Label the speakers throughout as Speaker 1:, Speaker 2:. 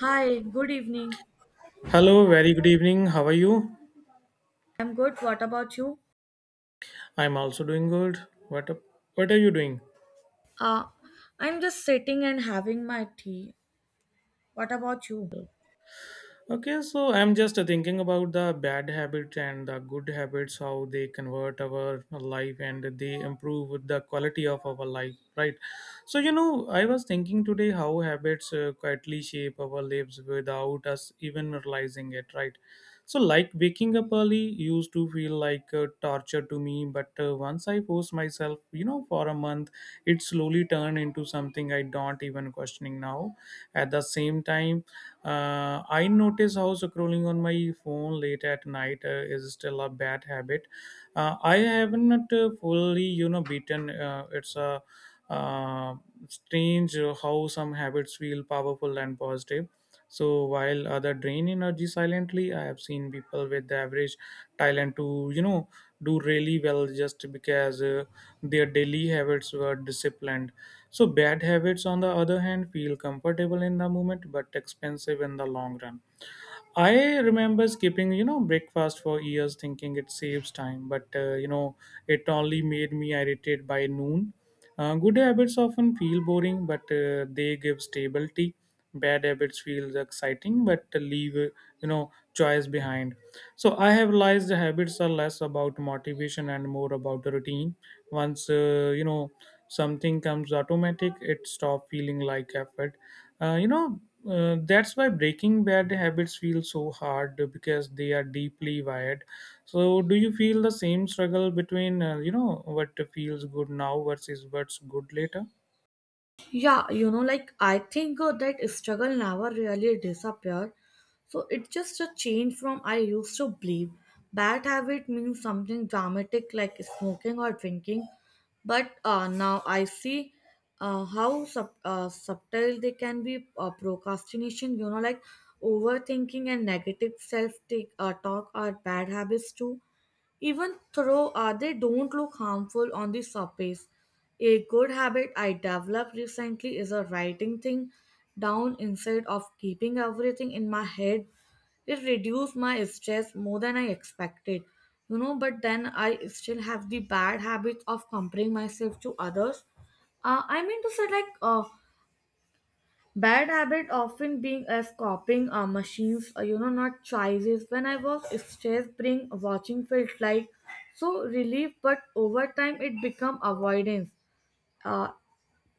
Speaker 1: Hi, good evening.
Speaker 2: Hello, very good evening. How are you?
Speaker 1: I'm good. What about you?
Speaker 2: I'm also doing good. What up? What are you doing?
Speaker 1: Uh, I'm just sitting and having my tea. What about you?
Speaker 2: Okay, so I'm just thinking about the bad habits and the good habits, how they convert our life and they improve the quality of our life, right? So, I was thinking today how habits quietly shape our lives without us even realizing it, right? So, like waking up early used to feel like torture to me, but once I forced myself, for a month, it slowly turned into something I don't even questioning now. At the same time, I notice how scrolling on my phone late at night is still a bad habit. I haven't fully, beaten. It's a uh, strange how some habits feel powerful and positive. So while other drain energy silently, I have seen people with the average talent to do really well just because their daily habits were disciplined. So, bad habits, on the other hand, feel comfortable in the moment but expensive in the long run. I remember skipping, breakfast for years, thinking it saves time. But it only made me irritated by noon. Good habits often feel boring, but they give stability. Bad habits feels exciting, but leave choice behind. So I have realized the habits are less about motivation and more about the routine. Once something comes automatic, it stop feeling like effort. Uh, you know that's why breaking bad habits feel so hard because they are deeply wired. So, do you feel the same struggle between what feels good now versus what's good later?
Speaker 1: Yeah, like I think that struggle never really disappeared. So it's just a change from I used to believe bad habit means something dramatic like smoking or drinking. But now I see how subtle they can be, procrastination, like overthinking and negative self take talk are bad habits too, even though they don't look harmful on the surface. A good habit I developed recently is a writing thing down instead of keeping everything in my head. It reduced my stress more than I expected. But then I still have the bad habit of comparing myself to others. I mean to say, like, bad habit often being as copying machines, not choices. When I was stressed, being watching felt like so relief, but over time it become avoidance. Uh,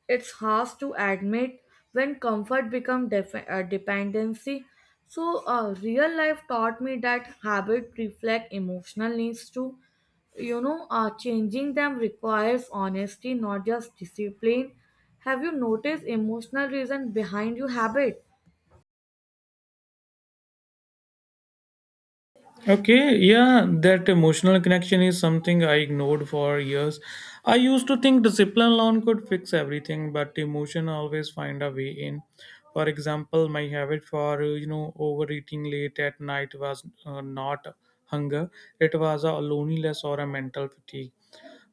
Speaker 1: it's harsh to admit when comfort becomes dependency. So real life taught me that habit reflect emotional needs too. Changing them requires honesty, not just discipline. Have you noticed emotional reason behind your habit?
Speaker 2: Okay, yeah, that emotional connection is something I ignored for years. I used to think discipline alone could fix everything, but emotion always find a way in. For example, my habit for overeating late at night was not hunger; it was a loneliness or a mental fatigue.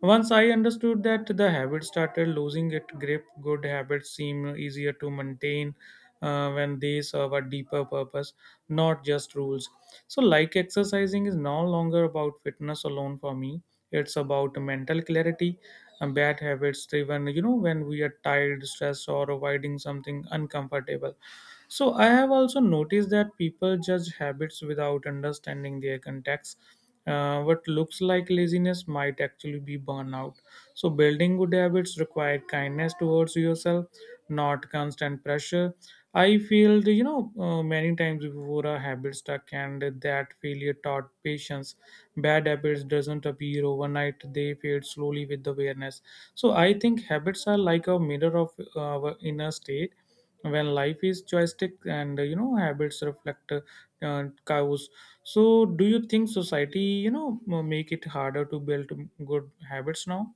Speaker 2: Once I understood that the habit started losing its grip, good habits seem easier to maintain when they serve a deeper purpose, not just rules. So, like exercising is no longer about fitness alone for me, it's about mental clarity. And bad habits driven, when we are tired, stressed, or avoiding something uncomfortable. So, I have also noticed that people judge habits without understanding their context what looks like laziness might actually be burnout. So, building good habits require kindness towards yourself, not constant pressure. I feel, many times before a habit stuck, and that failure taught patience. Bad habits doesn't appear overnight; they fade slowly with awareness. So, I think habits are like a mirror of our inner state when life is joystick and habits reflect cows. So, do you think society, make it harder to build good habits now?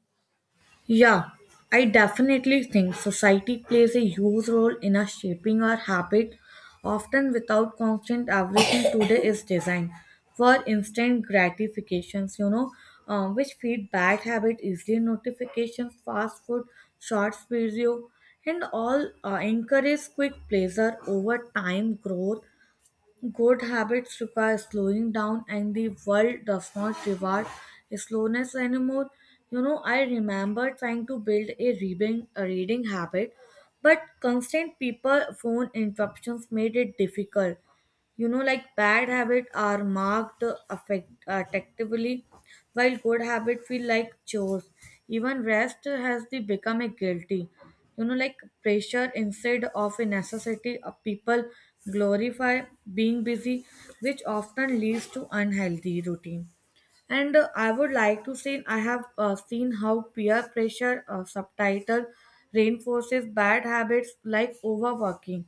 Speaker 1: Yeah, I definitely think society plays a huge role in us shaping our habit, often without constant. Everything today is designed for instant gratifications, which feed bad habit, easily notifications, fast food, shorts video, and all encourage quick pleasure over time growth. Good habits require slowing down, and the world does not reward slowness anymore. I remember trying to build a reading habit, but constant people phone interruptions made it difficult. Like bad habits are marked affectively, while good habits feel like chores. Even rest has the become a guilty, like pressure instead of a necessity. People glorify being busy, which often leads to unhealthy routine. And I would like to say I have seen how peer pressure subtitle reinforces bad habits like overworking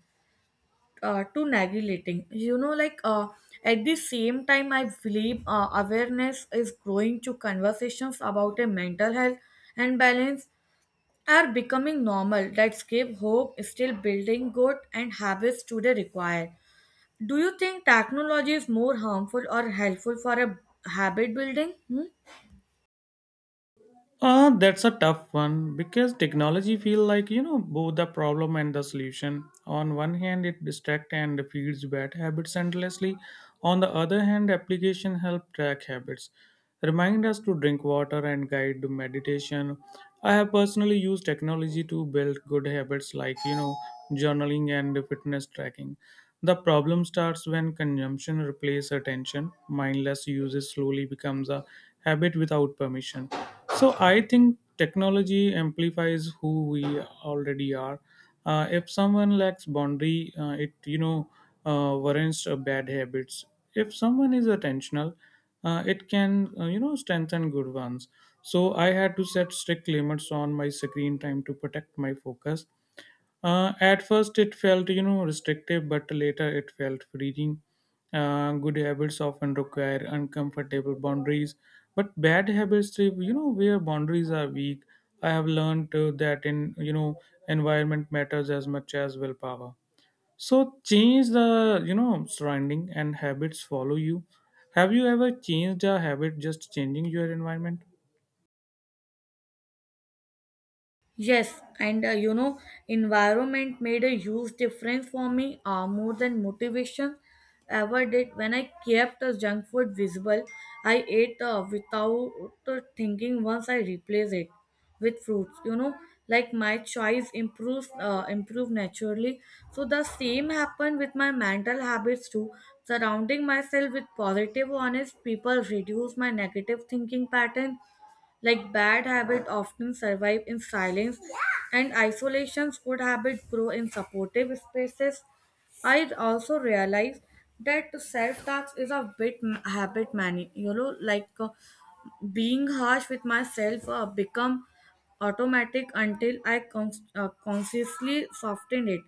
Speaker 1: uh, too neglecting. Like, at the same time, I believe awareness is growing to conversations about a mental health and balance are becoming normal. That's give hope, still building good and habits today require. Do you think technology is more harmful or helpful for a habit building? Hmm?
Speaker 2: That's a tough one because technology feel like both the problem and the solution. On one hand, it distract and feeds bad habits endlessly. On the other hand, application help track habits, remind us to drink water and guide to meditation. I have personally used technology to build good habits like journaling and fitness tracking. The problem starts when consumption replaces attention. Mindless uses slowly becomes a habit without permission. So I think technology amplifies who we already are. If someone lacks boundary, it warrants bad habits. If someone is attentional, it can strengthen good ones. So I had to set strict limits on my screen time to protect my focus. At first, it felt restrictive, but later it felt freeing. Good habits often require uncomfortable boundaries, but bad habits, if where boundaries are weak. I have learned that in environment matters as much as willpower. So change the surrounding and habits follow you. Have you ever changed a habit just changing your environment?
Speaker 1: Yes, and environment made a huge difference for me, more than motivation ever did. When I kept the junk food visible, I ate without thinking once I replaced it with fruits. Like my choice improve naturally. So the same happened with my mental habits too. Surrounding myself with positive, honest people reduce my negative thinking pattern. Like bad habits often survive in silence, and isolations good habits grow in supportive spaces. I also realized that self tax is a bit habit many, like being harsh with myself become automatic until I consciously soften it.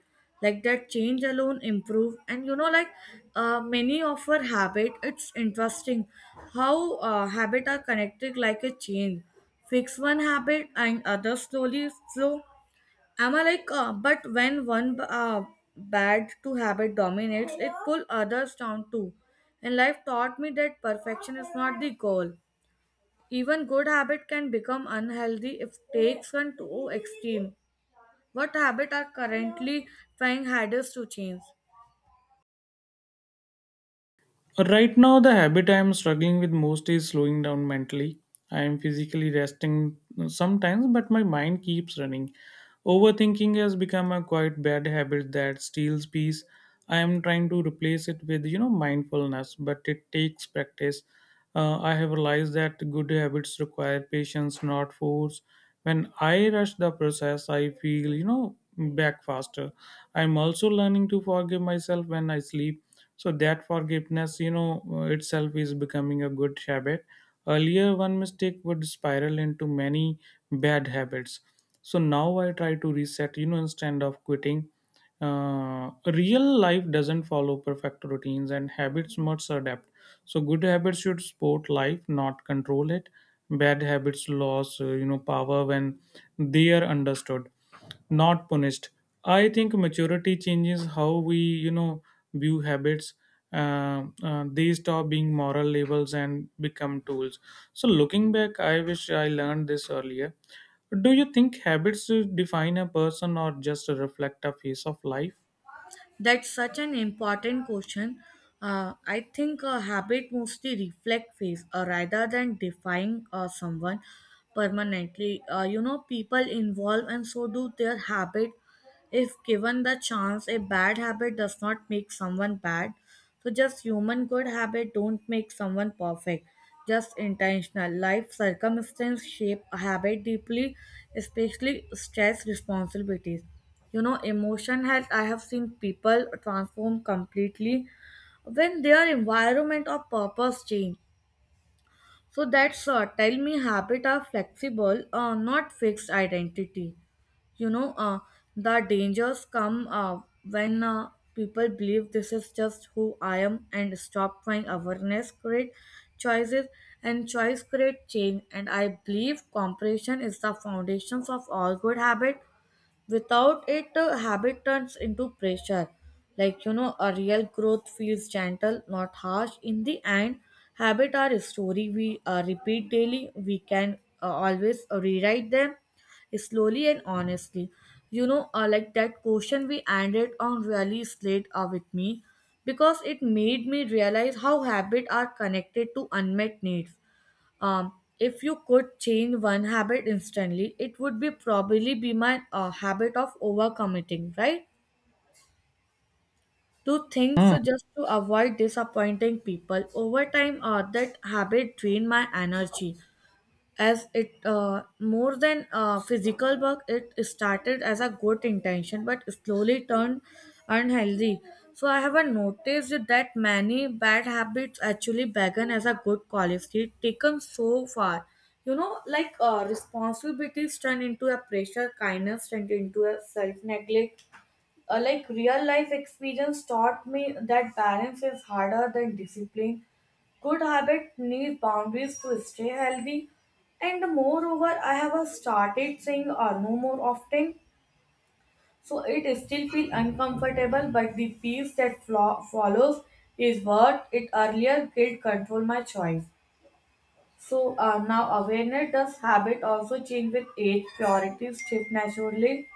Speaker 1: Like that change alone improve, and like many of our habit. It's interesting how habit are connected like a chain. Fix one habit and other slowly flow. Am I like, but when one bad to habit dominates, it pull others down too. And life taught me that perfection is not the goal. Even good habit can become unhealthy if taken to extreme. What habit are currently trying hardest to change?
Speaker 2: Right now, the habit I am struggling with most is slowing down mentally. I am physically resting sometimes, but my mind keeps running. Overthinking has become a quite bad habit that steals peace. I am trying to replace it with mindfulness, but it takes practice. I have realized that good habits require patience, not force. When I rush the process, I feel back faster. I'm also learning to forgive myself when I sleep. So that forgiveness, itself is becoming a good habit. Earlier, one mistake would spiral into many bad habits. So now I try to reset, instead of quitting. Real life doesn't follow perfect routines and habits must adapt. So good habits should support life, not control it. Bad habits lose, power when they are understood, not punished. I think maturity changes how we, view habits. They stop being moral labels and become tools. So looking back, I wish I learned this earlier. Do you think habits define a person or just reflect a phase of life?
Speaker 1: That's such an important question. I think a habit mostly reflect face, rather than defying someone permanently. People involve and so do their habit. If given the chance, a bad habit does not make someone bad. So just human good habit don't make someone perfect. Just intentional. Life circumstance shape a habit deeply, especially stress responsibilities. Emotion health I have seen people transform completely when their environment or purpose change. So that's tell me habit are flexible, not fixed identity. you know uh, the dangers come when people believe this is just who I am and stop trying. Awareness create choices and choice create change, and I believe comprehension is the foundations of all good habit. Without it, habit turns into pressure. Like, a real growth feels gentle, not harsh. In the end, habit are a story we repeat daily. We can always rewrite them slowly and honestly. Like that question we ended on really stayed with me because it made me realize how habit are connected to unmet needs. Um, if you could change one habit instantly, it would be probably be my habit of overcommitting, right? To things
Speaker 2: Hmm.
Speaker 1: so just to avoid disappointing people. Over time, that habit drained my energy as it, more than physical bug. It started as a good intention but slowly turned unhealthy. So I haven't noticed that many bad habits actually began as a good quality taken so far. Like, responsibilities turn into a pressure, kindness turned into a self-neglect. Like real life experience taught me that balance is harder than discipline. Good habit needs boundaries to stay healthy, and moreover, I have started saying no more often, so it still feels uncomfortable. But the peace that follows is worth it. Earlier, guilt controlled my choice. So now awareness does habit also change with age. Priorities shift naturally.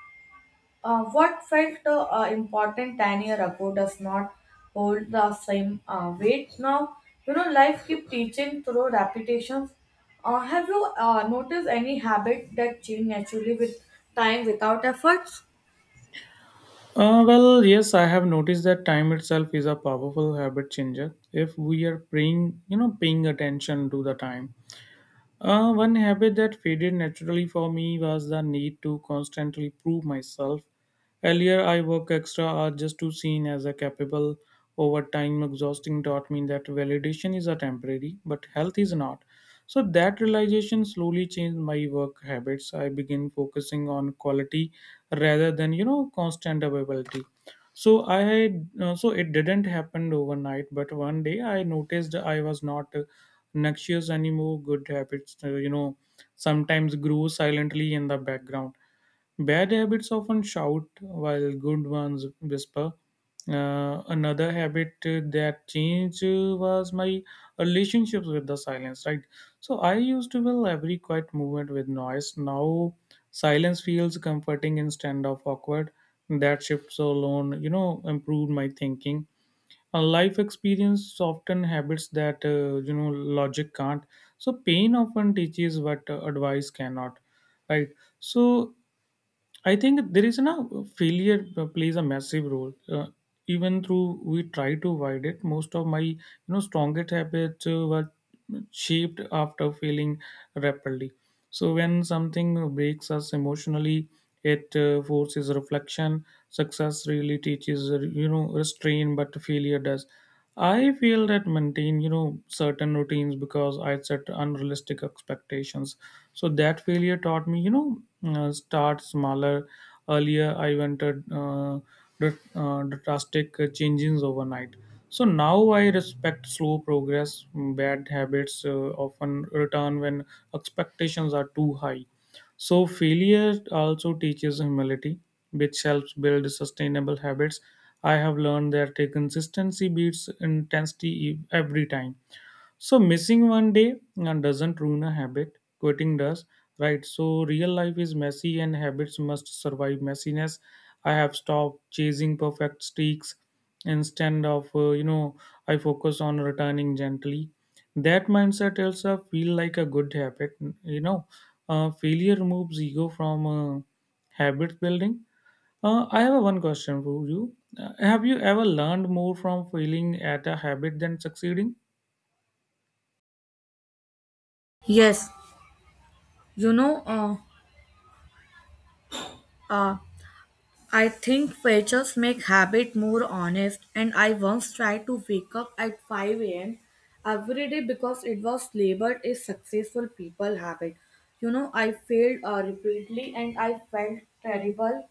Speaker 1: What felt important 10 years ago does not hold the same weight now. Life keep teaching through repetitions. Have you noticed any habit that change naturally with time without efforts?
Speaker 2: Well, yes, I have noticed that time itself is a powerful habit changer. If we are paying, paying attention to the time, one habit that faded naturally for me was the need to constantly prove myself. Earlier, I worked extra hours just to seem as a capable. Over time, exhausting taught me that validation is a temporary, but health is not. So that realization slowly changed my work habits. I began focusing on quality rather than constant availability. So I had, so it didn't happen overnight, but one day I noticed I was not Noxious animal good habits, sometimes grow silently in the background. Bad habits often shout while good ones whisper. Another habit that changed was my relationships with the silence, right? So I used to fill every quiet movement with noise. Now silence feels comforting instead of awkward. That shift alone, improved my thinking life experience often habits that logic can't, so pain often teaches what advice cannot, right? So I think there is no failure plays a massive role. Even though we try to avoid it, most of my strongest habits were shaped after failing rapidly. So when something breaks us emotionally, it forces reflection. Success really teaches restraint, but failure does. I feel that maintain, certain routines because I set unrealistic expectations. So that failure taught me, start smaller. Earlier, I wanted drastic changes overnight. So now I respect slow progress. Bad habits often return when expectations are too high. So, failure also teaches humility, which helps build sustainable habits. I have learned that a consistency beats intensity every time. So missing one day and doesn't ruin a habit. Quitting does, right? So real life is messy and habits must survive messiness. I have stopped chasing perfect streaks. Instead of I focus on returning gently. That mindset also feel like a good habit. You know, Failure removes ego from habit building. I have one question for you. Have you ever learned more from failing at a habit than succeeding?
Speaker 1: Yes, you know, uh, uh, I think features make habit more honest, and I once tried to wake up at 5 a.m. every day because it was labeled a successful people habit. I failed repeatedly and I felt terrible.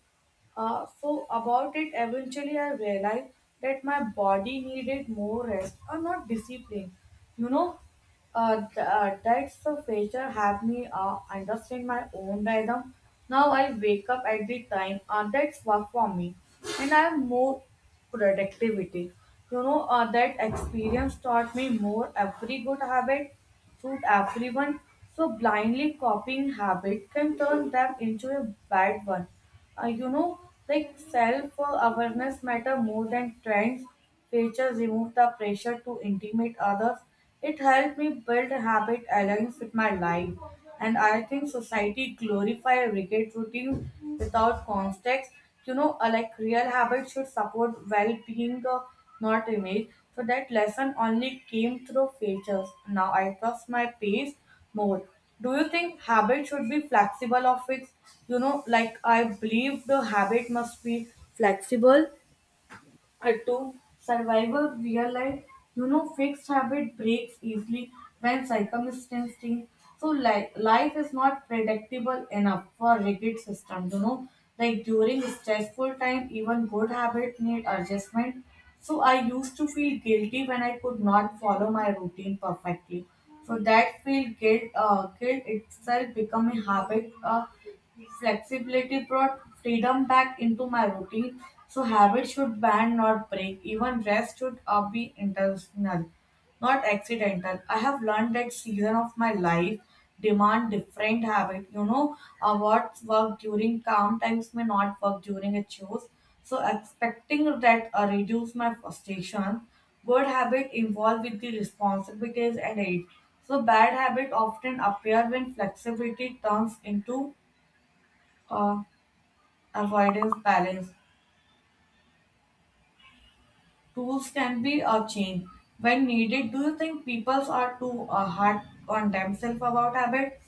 Speaker 1: So, about it, eventually I realized that my body needed more rest or not discipline. You know, that's the feature have me understand my own rhythm. Now I wake up at the time, that's work for me, and I have more productivity. That experience taught me more every good habit suit everyone. So blindly copying habit can turn them into a bad one. uh, you know like self awareness matter more than trends. Features remove the pressure to intimidate others. It helped me build habit aligns with my life. And I think society glorify rigid routine without context. Like real habits should support well-being, not image. So that lesson only came through features. Now I trust my pace more. Do you think habits should be flexible or fixed? Like I believe the habit must be flexible, to survive a real life. Fixed habit breaks easily when circumstances change. So like life is not predictable enough for rigid system. Like during stressful time even good habit need adjustment. So I used to feel guilty when I could not follow my routine perfectly. So that feel guilt itself become a habit. Flexibility brought freedom back into my routine, so habits should bend, not break. Even rest should be intentional, not accidental. I have learned that season of my life demand different habit. What work during calm times may not work during a chores. So expecting that reduce my frustration. Good habit involve with the responsibilities and aid. So bad habit often appear when flexibility turns into uh, avoidance balance. Tools can be a change when needed. Do you think people are too hard on themselves about habits?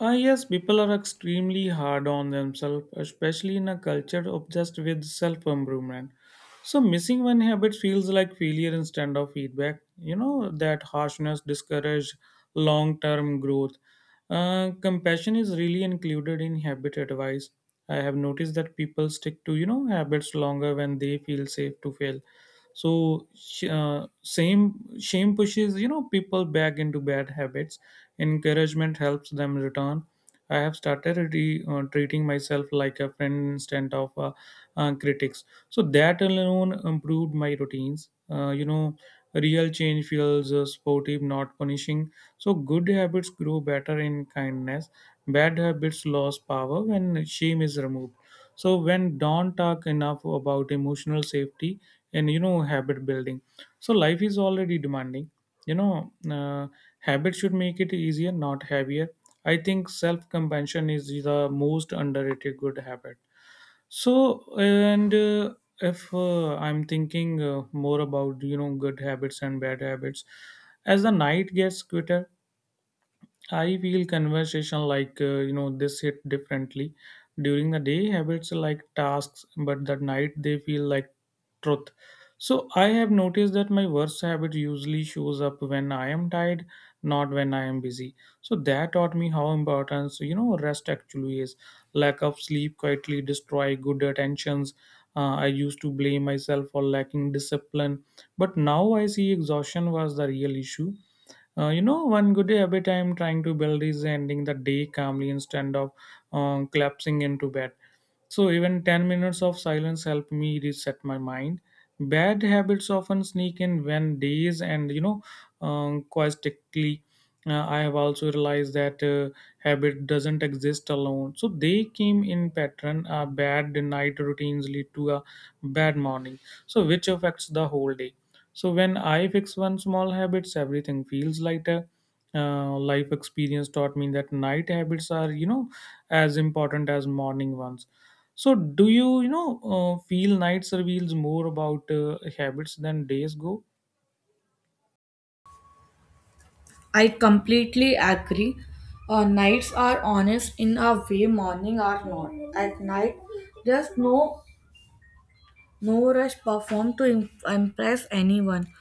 Speaker 2: Ah, yes, people are extremely hard on themselves, especially in a culture obsessed with self improvement. So, missing one habit feels like failure instead of feedback. That harshness discourages long term growth. Compassion is really included in habit advice. I have noticed that people stick to, habits longer when they feel safe to fail. So, same shame pushes, people back into bad habits. Encouragement helps them return. I have started treating myself like a friend instead of critics. So that alone improved my routines. Real change feels sportive, not punishing. So good habits grow better in kindness. Bad habits lose power when shame is removed. So when don't talk enough about emotional safety and habit building. So life is already demanding. You know. Habits should make it easier, not heavier. I think self compassion is the most underrated good habit. So, and if I'm thinking more about good habits and bad habits, as the night gets quicker, I feel conversation like this hit differently. During the day, habits are like tasks, but at night they feel like truth. So I have noticed that my worst habit usually shows up when I am tired, not when I am busy. So that taught me how important rest actually is. Lack of sleep quietly destroy good attentions. I used to blame myself for lacking discipline, but now I see exhaustion was the real issue. One good habit I'm trying to build is ending the day calmly instead of collapsing into bed. So even 10 minutes of silence help me reset my mind. Bad habits often sneak in when days and you know quietly. I have also realized that habit doesn't exist alone. So they came in pattern. A bad night routines lead to a bad morning. So which affects the whole day. So when I fix one small habits, everything feels lighter. Life experience taught me that night habits are as important as morning ones. So do you feel nights reveals more about habits than days go?
Speaker 1: I completely agree. Nights are honest in a way morning are not. At night, there's no rush perform to impress anyone.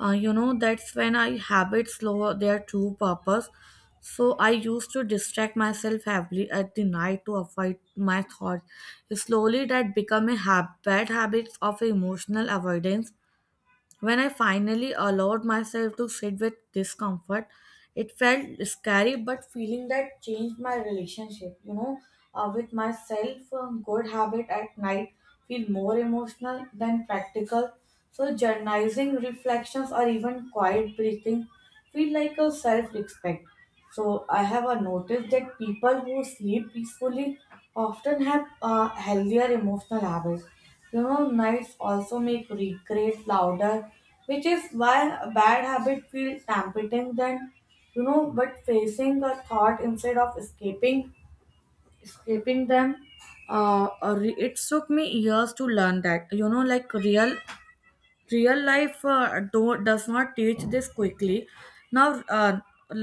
Speaker 1: That's when I habits slow their true purpose. So I used to distract myself heavily at the night to avoid my thoughts. Slowly, that become a bad habit of emotional avoidance. When I finally allowed myself to sit with discomfort, it felt scary, but feeling that changed my relationship, with myself. A good habit at night feel more emotional than practical. So journalizing reflections or even quiet breathing feel like a self-respect. So I have noticed that people who sleep peacefully often have healthier emotional habits. Nights also make regrets louder, which is why a bad habit feels tempting than. But facing a thought instead of escaping them, it took me years to learn that. You know, like real life, don't does not teach this quickly now.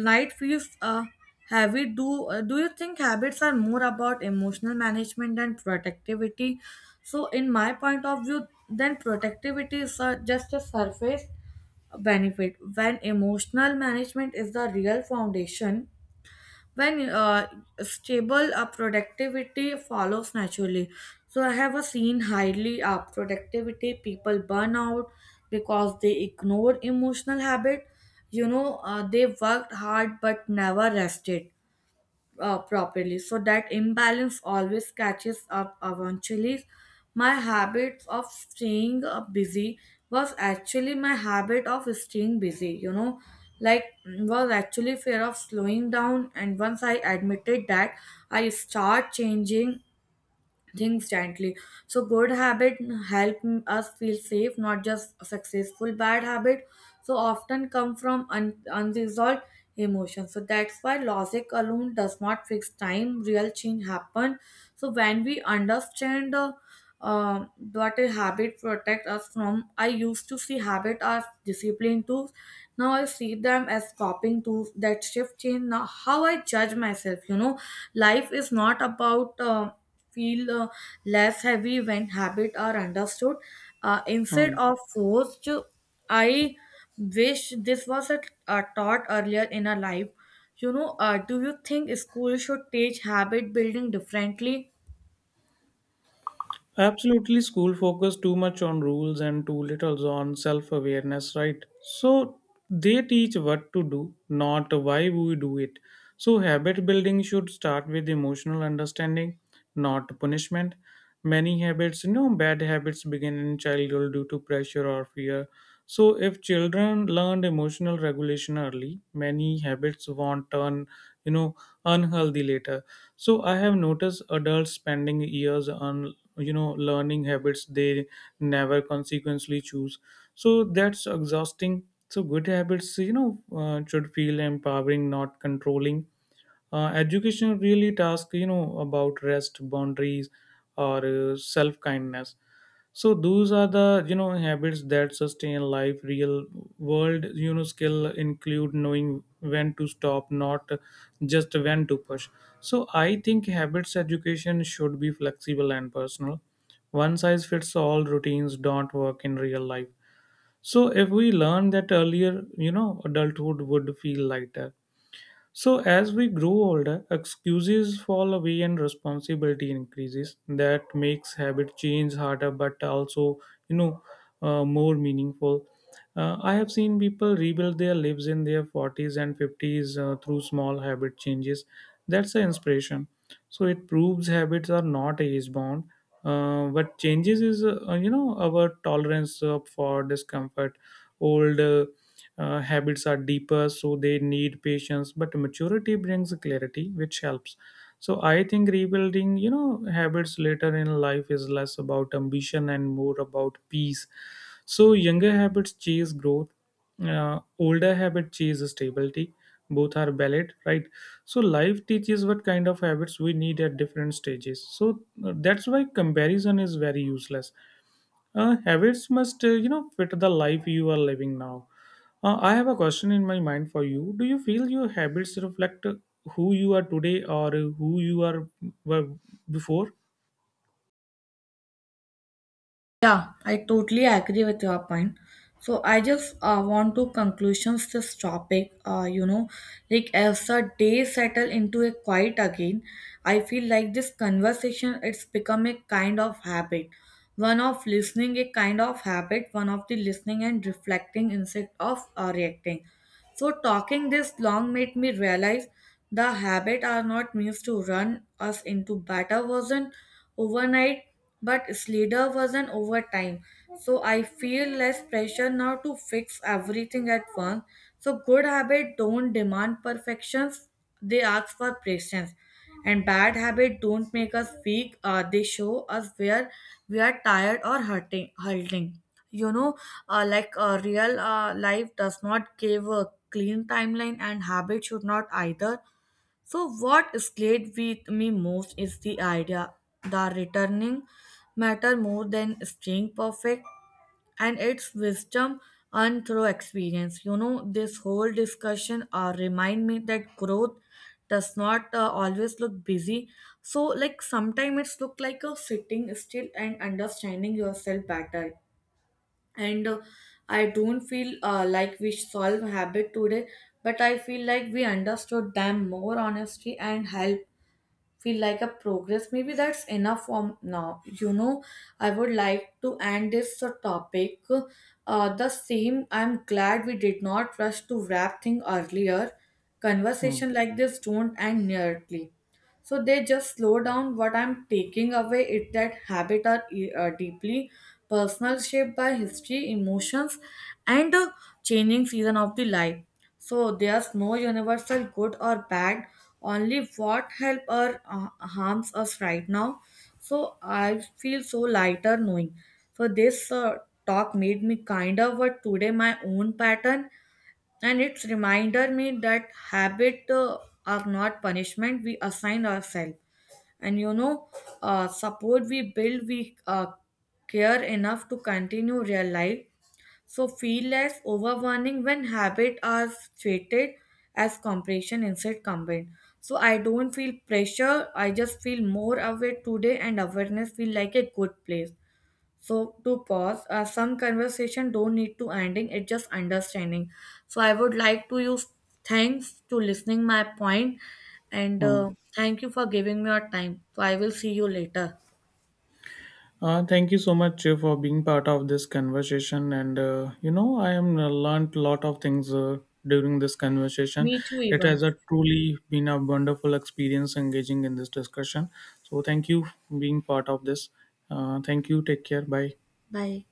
Speaker 1: Night feels heavy. Do you think habits are more about emotional management and productivity? So in my point of view, then productivity is just a surface benefit when emotional management is the real foundation. When stable, productivity follows naturally. So I have seen highly productivity people burn out because they ignore emotional habit, you know. They worked hard but never rested properly. So that imbalance always catches up eventually. My habit of staying busy was actually my habit of staying busy, you know, like, was actually fear of slowing down. And once I admitted that, I start changing things gently. So good habit help us feel safe, not just successful. Bad habit so often come from unresolved emotions. So that's why logic alone does not fix time. Real change happen so when we understand, um what a habit protect us from. I used to see habit as discipline tools. Now I see them as coping tools that shift change now how I judge myself, you know. Life is not about feel less heavy when habit are understood instead of forced. I wish this was a, taught earlier in our life. You know, do you think school should teach habit building differently?
Speaker 2: Absolutely, school focus too much on rules and too little on self awareness, right? So they teach what to do, not why we do it. So habit building should start with emotional understanding, not punishment. Many habits, you know, bad habits begin in childhood due to pressure or fear. So if children learned emotional regulation early, many habits won't turn, you know, unhealthy later. So I have noticed adults spending years on you know learning habits they never consequently choose, so that's exhausting. So good habits, should feel empowering, not controlling. Education really task you know about rest boundaries or self kindness. So those are the you know habits that sustain life. Real world you know skill include knowing when to stop, not just when to push. So I think habits education should be flexible and personal. One size fits all routines don't work in real life. So if we learn that earlier, you know, adulthood would feel lighter. So as we grow older, excuses fall away and responsibility increases. That makes habit change harder, but also you know more meaningful. I have seen people rebuild their lives in their 40s and 50s through small habit changes. That's the inspiration. So it proves habits are not age bound. What changes is you know our tolerance for discomfort. Old habits are deeper, so they need patience, but maturity brings clarity, which helps. So I think rebuilding, you know, habits later in life is less about ambition and more about peace. So younger habits chase growth, older habit chase stability. Both are valid, right? So life teaches what kind of habits we need at different stages. So that's why comparison is very useless. Habits must, you know, fit the life you are living now. I have a question in my mind for you. Do you feel your habits reflect who you are today or who you are were before?
Speaker 1: Yeah, I totally agree with your point. So I just want to conclusions this topic. You know, like, as the day settle into a quiet again, I feel like this conversation, it's become a kind of habit. One of listening, a kind of habit. One of the listening and reflecting instead of reacting. So, talking this long made me realize the habit are not meant to run us into better version overnight, but slider version over time. So, I feel less pressure now to fix everything at once. So, good habit don't demand perfections; they ask for patience. And bad habits don't make us weak, they show us where we are tired or hurting. You know, like, real life does not give a clean timeline, and habit should not either. So, what stayed with me most is the idea that returning matter more than staying perfect, and its wisdom and through experience. You know, this whole discussion remind me that growth does not always look busy. So, like, sometimes it's look like a sitting still and understanding yourself better. And I don't feel like we solve habit today, but I feel like we understood them more honestly and help feel like a progress. Maybe that's enough for now, you know. I would like to end this topic the same. I'm glad we did not rush to wrap thing earlier.
Speaker 2: Hmm.
Speaker 1: Conversation like this don't end nearly, so they just slow down. What I'm taking away it that habit are deeply personal, shaped by history, emotions, and changing season of the life. So there's no universal good or bad, only what help or harms us right now. So I feel so lighter knowing. So this talk made me kind of what today my own pattern, and it's reminder me that habit are not punishment we assign ourselves, and you know, support we build we care enough to continue real life. So feel less overwhelming when habits are treated as compression instead combined. So I don't feel pressure, I just feel more aware today, and awareness feel like a good place. So to pause, some conversation don't need to ending, it just understanding. So I would like to use thanks to listening my point, and
Speaker 2: Hmm.
Speaker 1: thank you for giving me your time. So I will see you later.
Speaker 2: Thank you so much for being part of this conversation. And you know, I am learned a lot of things during this conversation.
Speaker 1: Me too,
Speaker 2: It has
Speaker 1: even.
Speaker 2: a truly been a wonderful experience engaging in this discussion. So thank you for being part of this. Thank you. Take care. Bye.
Speaker 1: Bye.